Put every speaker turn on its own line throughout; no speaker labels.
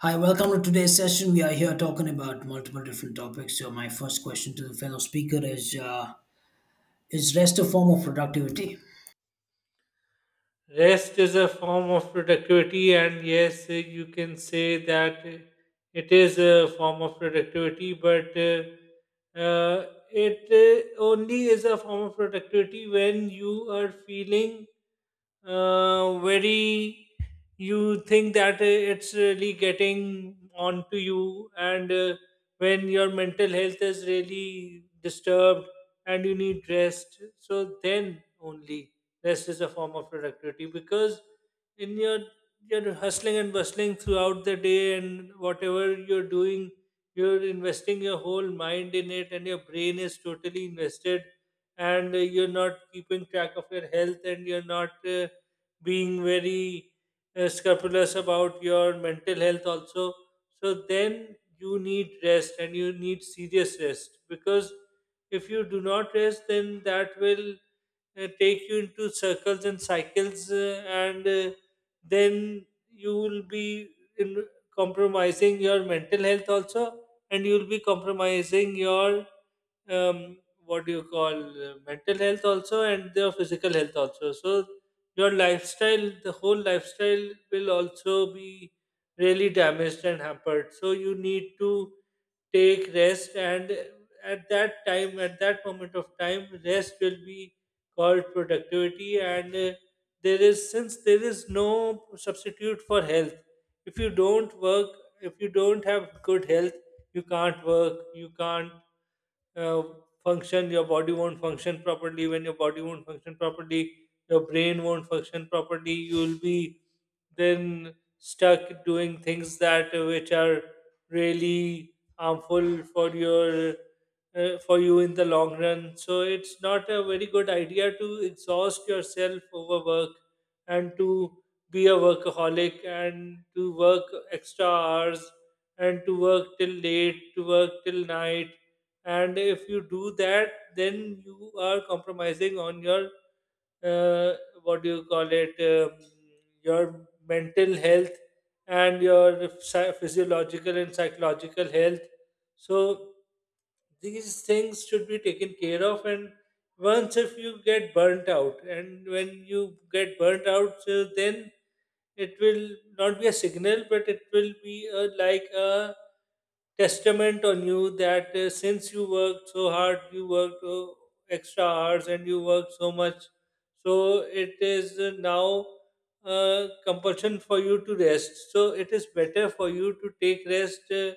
Hi, welcome to today's session. We are here talking about multiple different topics. So, my first question to the fellow speaker is rest a form of productivity?
Rest is a form of productivity, and yes, you can say that it is a form of productivity, but it only is a form of productivity when you are feeling uh, very, you think that it's really getting onto you, and when your mental health is really disturbed and you need rest, so then only rest is a form of productivity because in your you're hustling and bustling throughout the day and whatever you're doing you're investing your whole mind in it and your brain is totally invested and you're not keeping track of your health and you're not being very scrupulous about your mental health also, so then you need rest and you need serious rest because if you do not rest then that will take you into circles and cycles, and then you will be in compromising your mental health also, and you will be compromising your um, what do you call mental health also, and your physical health also. So your lifestyle, the whole lifestyle will also be really damaged and hampered. So you need to take rest, and at that time, at that moment of time, rest will be called productivity, and there is since there is no substitute for health, if you don't work, if you don't have good health, you can't work, you can't uh, function, your body won't function properly, when your body won't function properly your brain won't function properly, you'll be then stuck doing things that which are really harmful for your for you in the long run. So it's not a very good idea to exhaust yourself over work and to be a workaholic and to work extra hours and to work till late, to work till night. And if you do that, then you are compromising on your uh, what do you call it your mental health and your physiological and psychological health. So these things should be taken care of, and once if you get burnt out and when you get burnt out, so then it will not be a signal but it will be a, like a testament on you that since you worked so hard, you worked extra hours and you worked so much, so it is now compulsion for you to rest, so it is better for you to take rest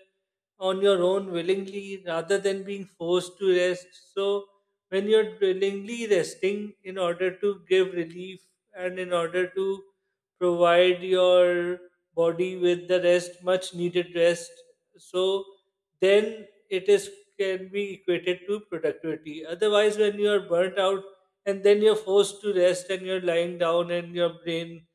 on your own willingly rather than being forced to rest. So, when you're willingly resting in order to give relief and in order to provide your body with the rest, much needed rest, so then it is can be equated to productivity. Otherwise, when you are burnt out and then you're forced to rest and you're lying down and your brain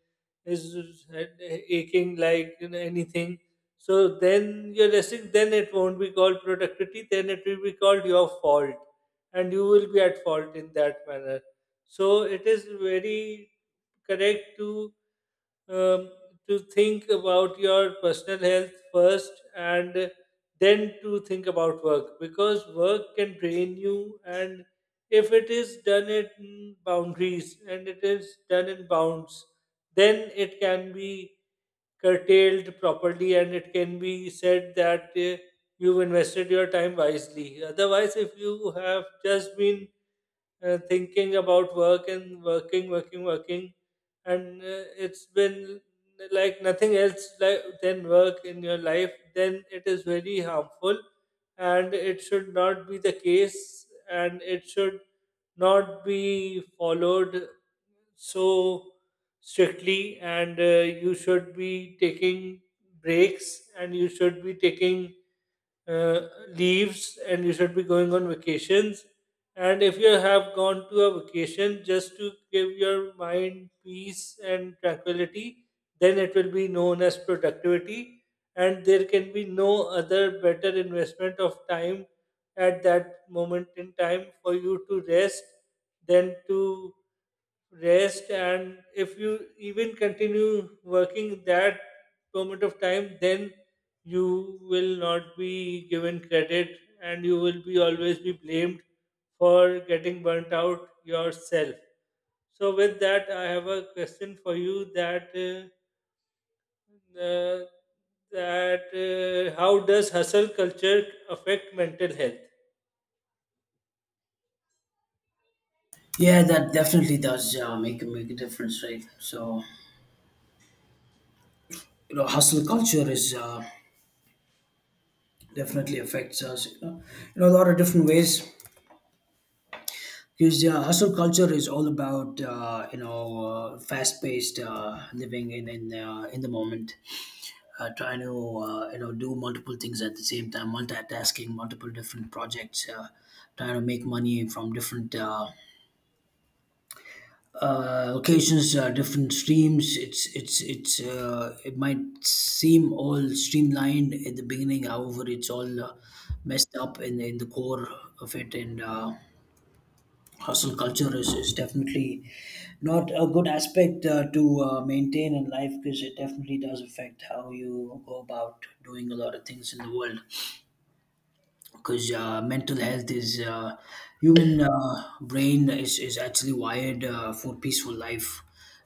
is aching, like you know, anything. So then you're resting, then it won't be called productivity, then it will be called your fault, and you will be at fault in that manner. So it is very correct um, to think about your personal health first and then to think about work because work can drain you, and if it is done in boundaries and it is done in bounds, then it can be curtailed properly, and it can be said that you've invested your time wisely. Otherwise, if you have just been thinking about work and working and it's been like nothing else like than work in your life, then it is very harmful and it should not be the case and it should not be followed so strictly, and you should be taking breaks and you should be taking uh, leaves and you should be going on vacations. And if you have gone to a vacation just to give your mind peace and tranquility, then it will be known as productivity. And there can be no other better investment of time at that moment in time for you to rest than to rest, and if you even continue working that moment of time, then you will not be given credit and you will be always be blamed for getting burnt out yourself. So with that, I have a question for you that uh, that how does hustle culture affect mental health?
Yeah, that definitely does make a difference, right? So, you know, hustle culture is definitely affects us. You know, in a lot of different ways. Because hustle culture is all about fast paced living in in the moment, trying to do multiple things at the same time, multitasking multiple different projects, trying to make money from different locations, different streams. It might seem all streamlined at the beginning, however it's all messed up in the core of it. And Hustle culture is definitely not a good aspect to maintain in life, because it definitely does affect how you go about doing a lot of things in the world, because mental health is human brain is actually wired for peaceful life.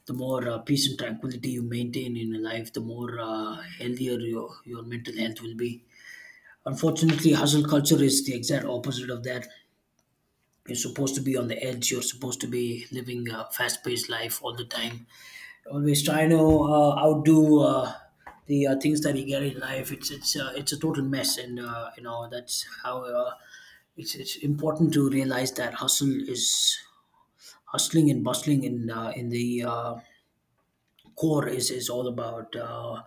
The more peace and tranquility you maintain in your life, the more healthier your mental health will be. Unfortunately, hustle culture is the exact opposite of that. You're supposed to be on the edge, you're supposed to be living a fast-paced life all the time, always trying to outdo the things that you get in life. It's a total mess, and you know that's how it's important to realize that hustle is hustling and bustling in the core is all about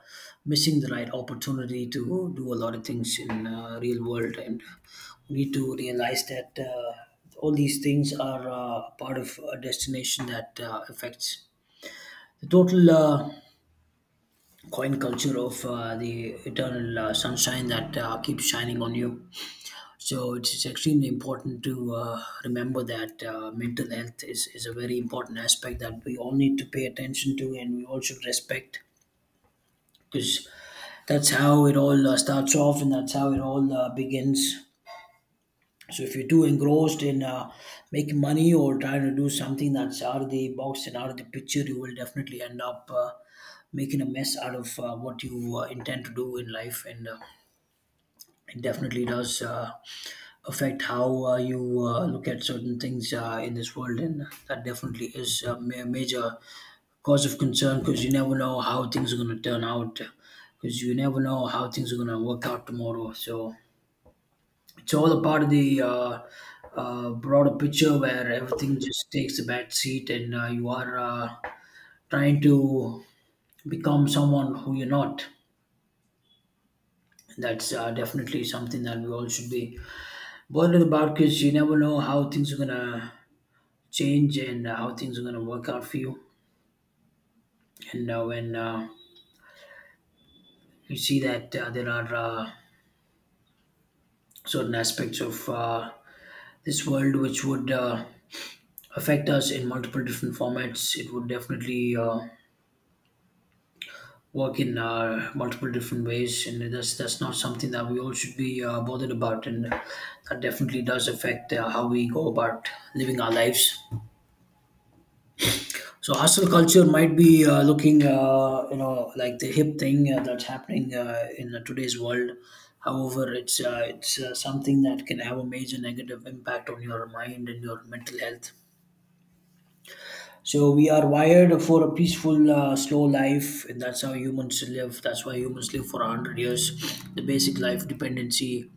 missing the right opportunity to do a lot of things in real world, and we need to realize that. All these things are part of a destination that affects the total coin culture of the eternal sunshine that keeps shining on you. So it's extremely important to remember that mental health is a very important aspect that we all need to pay attention to, and we all should respect, because that's how it all starts off and that's how it all begins. So if you're too engrossed in making money, or trying to do something that's out of the box and out of the picture, you will definitely end up making a mess out of what you intend to do in life, and it definitely does affect how you look at certain things in this world, and that definitely is a major cause of concern, because you never know how things are going to turn out, because you never know how things are going to work out tomorrow. So it's all a part of the broader picture, where everything just takes a back seat, and you are trying to become someone who you're not. That's definitely something that we all should be bothered about, because you never know how things are going to change and how things are going to work out for you. And when you see that there are certain aspects of this world which would affect us in multiple different formats, it would definitely. Work in multiple different ways, and that's not something that we all should be bothered about, and that definitely does affect how we go about living our lives. So hustle culture might be looking, you know, like the hip thing that's happening in today's world. However, it's something that can have a major negative impact on your mind and your mental health. So we are wired for a peaceful, slow life, and that's how humans live. That's why humans live for 100 years. The basic life dependency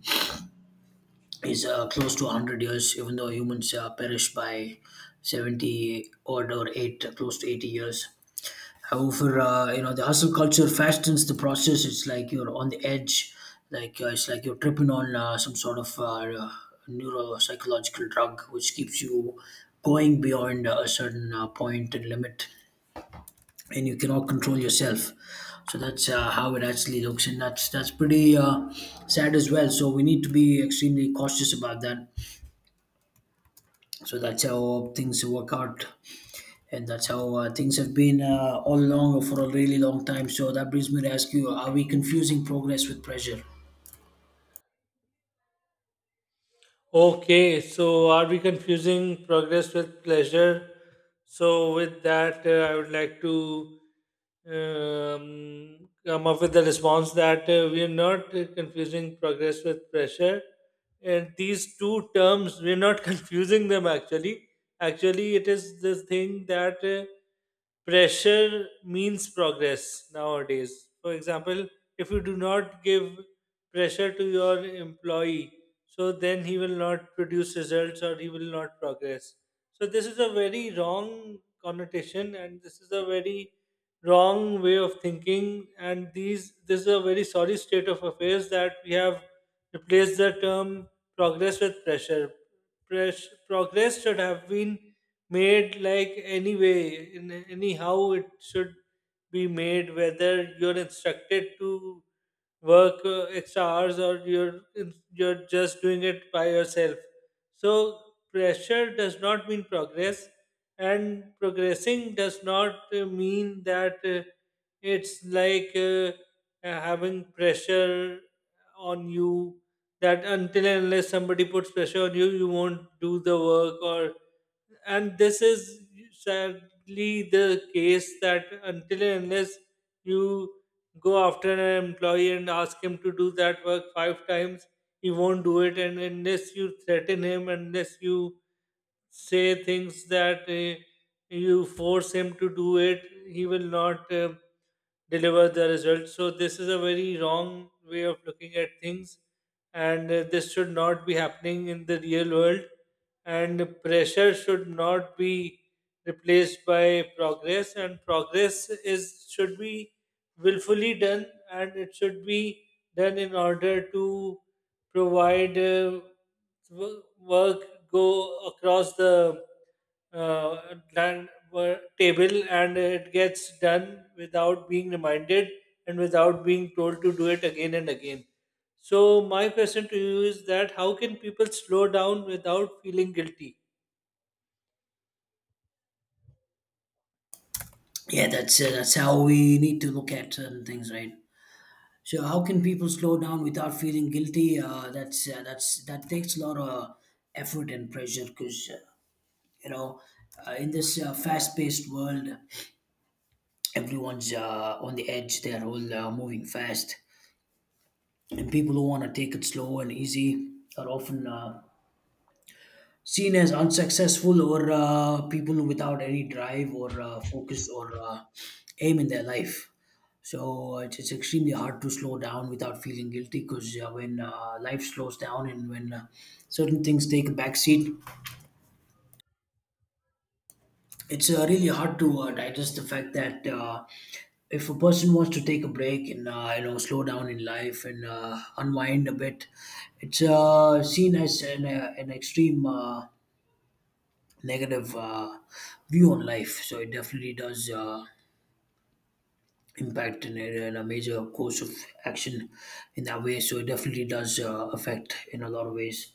is close to 100 years, even though humans perish by 70 odd or eight, close to 80 years. However, you know, the hustle culture fastens the process. It's like you're on the edge, like it's like you're tripping on some sort of neuropsychological drug, which keeps you going beyond a certain point and limit, and you cannot control yourself. So that's how it actually looks, and that's pretty sad as well. So we need to be extremely cautious about that. So that's how things work out, and that's how things have been all along for a really long time. So that brings me to ask you: are we confusing progress with pressure?
Okay, so are we confusing progress with pleasure? So, with that, I would like to come up with the response that we are not confusing progress with pressure. And these two terms, we're not confusing them actually. Actually, it is the thing that. Pressure means progress nowadays. For example, if you do not give pressure to your employee, so then he will not produce results or he will not progress. So this is a very wrong connotation and this is a very wrong way of thinking, and these this is a very sorry state of affairs that we have replaced the term progress with pressure. Progress should have been made, like anyway, in anyhow it should be made, whether you're instructed to work extra hours or you're just doing it by yourself. So pressure does not mean progress, and progressing does not mean that it's like having pressure on you, that until and unless somebody puts pressure on you, you won't do the work. Or and this is sadly the case that until and unless you go after an employee and ask him to do that work five times, he won't do it. And unless you threaten him, unless you say things that you force him to do it, he will not deliver the result. So, this is a very wrong way of looking at things, and this should not be happening in the real world. And pressure should not be replaced by progress, and progress is should be willfully done, and it should be done in order to provide wo- work go across the uh, table and it gets done without being reminded and without being told to do it again and again. So my question to you is that how can people slow down without feeling guilty?
Yeah, that's how we need to look at certain things, right? So how can people slow down without feeling guilty? That's that's that takes a lot of effort and pressure, because you know, in this fast-paced world, everyone's on the edge, they're all moving fast, and people who want to take it slow and easy are often seen as unsuccessful, or people without any drive, or focus, or aim in their life. So it's extremely hard to slow down without feeling guilty, because when life slows down and when certain things take a backseat, it's really hard to digest the fact that if a person wants to take a break and you know, slow down in life and unwind a bit, it's seen as an extreme negative view on life. So it definitely does impact in, in a major course of action in that way. So it definitely does affect in a lot of ways.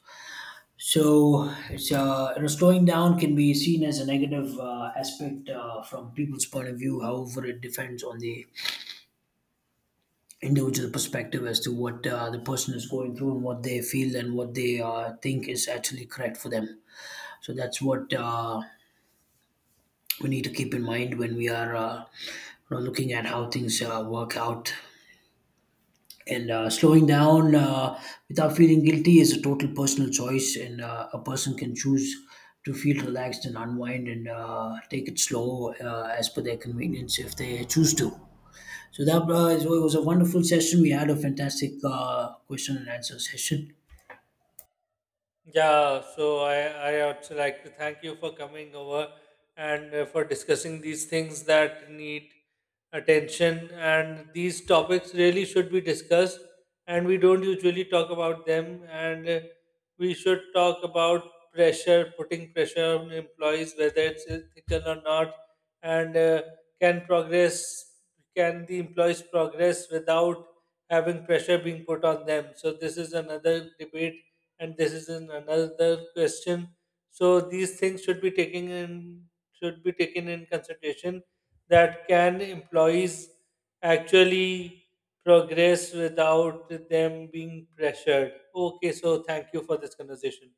So it's you know, slowing down can be seen as a negative aspect from people's point of view. However, it depends on the individual perspective as to what the person is going through, and what they feel, and what they think is actually correct for them. So that's what we need to keep in mind when we are you know, looking at how things work out, and slowing down without feeling guilty is a total personal choice, and a person can choose to feel relaxed and unwind and take it slow as per their convenience, if they choose to. So that it was a wonderful session. We had a fantastic question and answer session.
Yeah, so I also like to thank you for coming over and for discussing these things that need attention. And these topics really should be discussed, and we don't usually talk about them. And we should talk about pressure, putting pressure on employees, whether it's ethical or not, and can progress, can the employees progress without having pressure being put on them? So, this is another debate and this is an another question. So these things should be taken in should be taken in consideration, that can employees actually progress without them being pressured. Okay, so thank you for this conversation.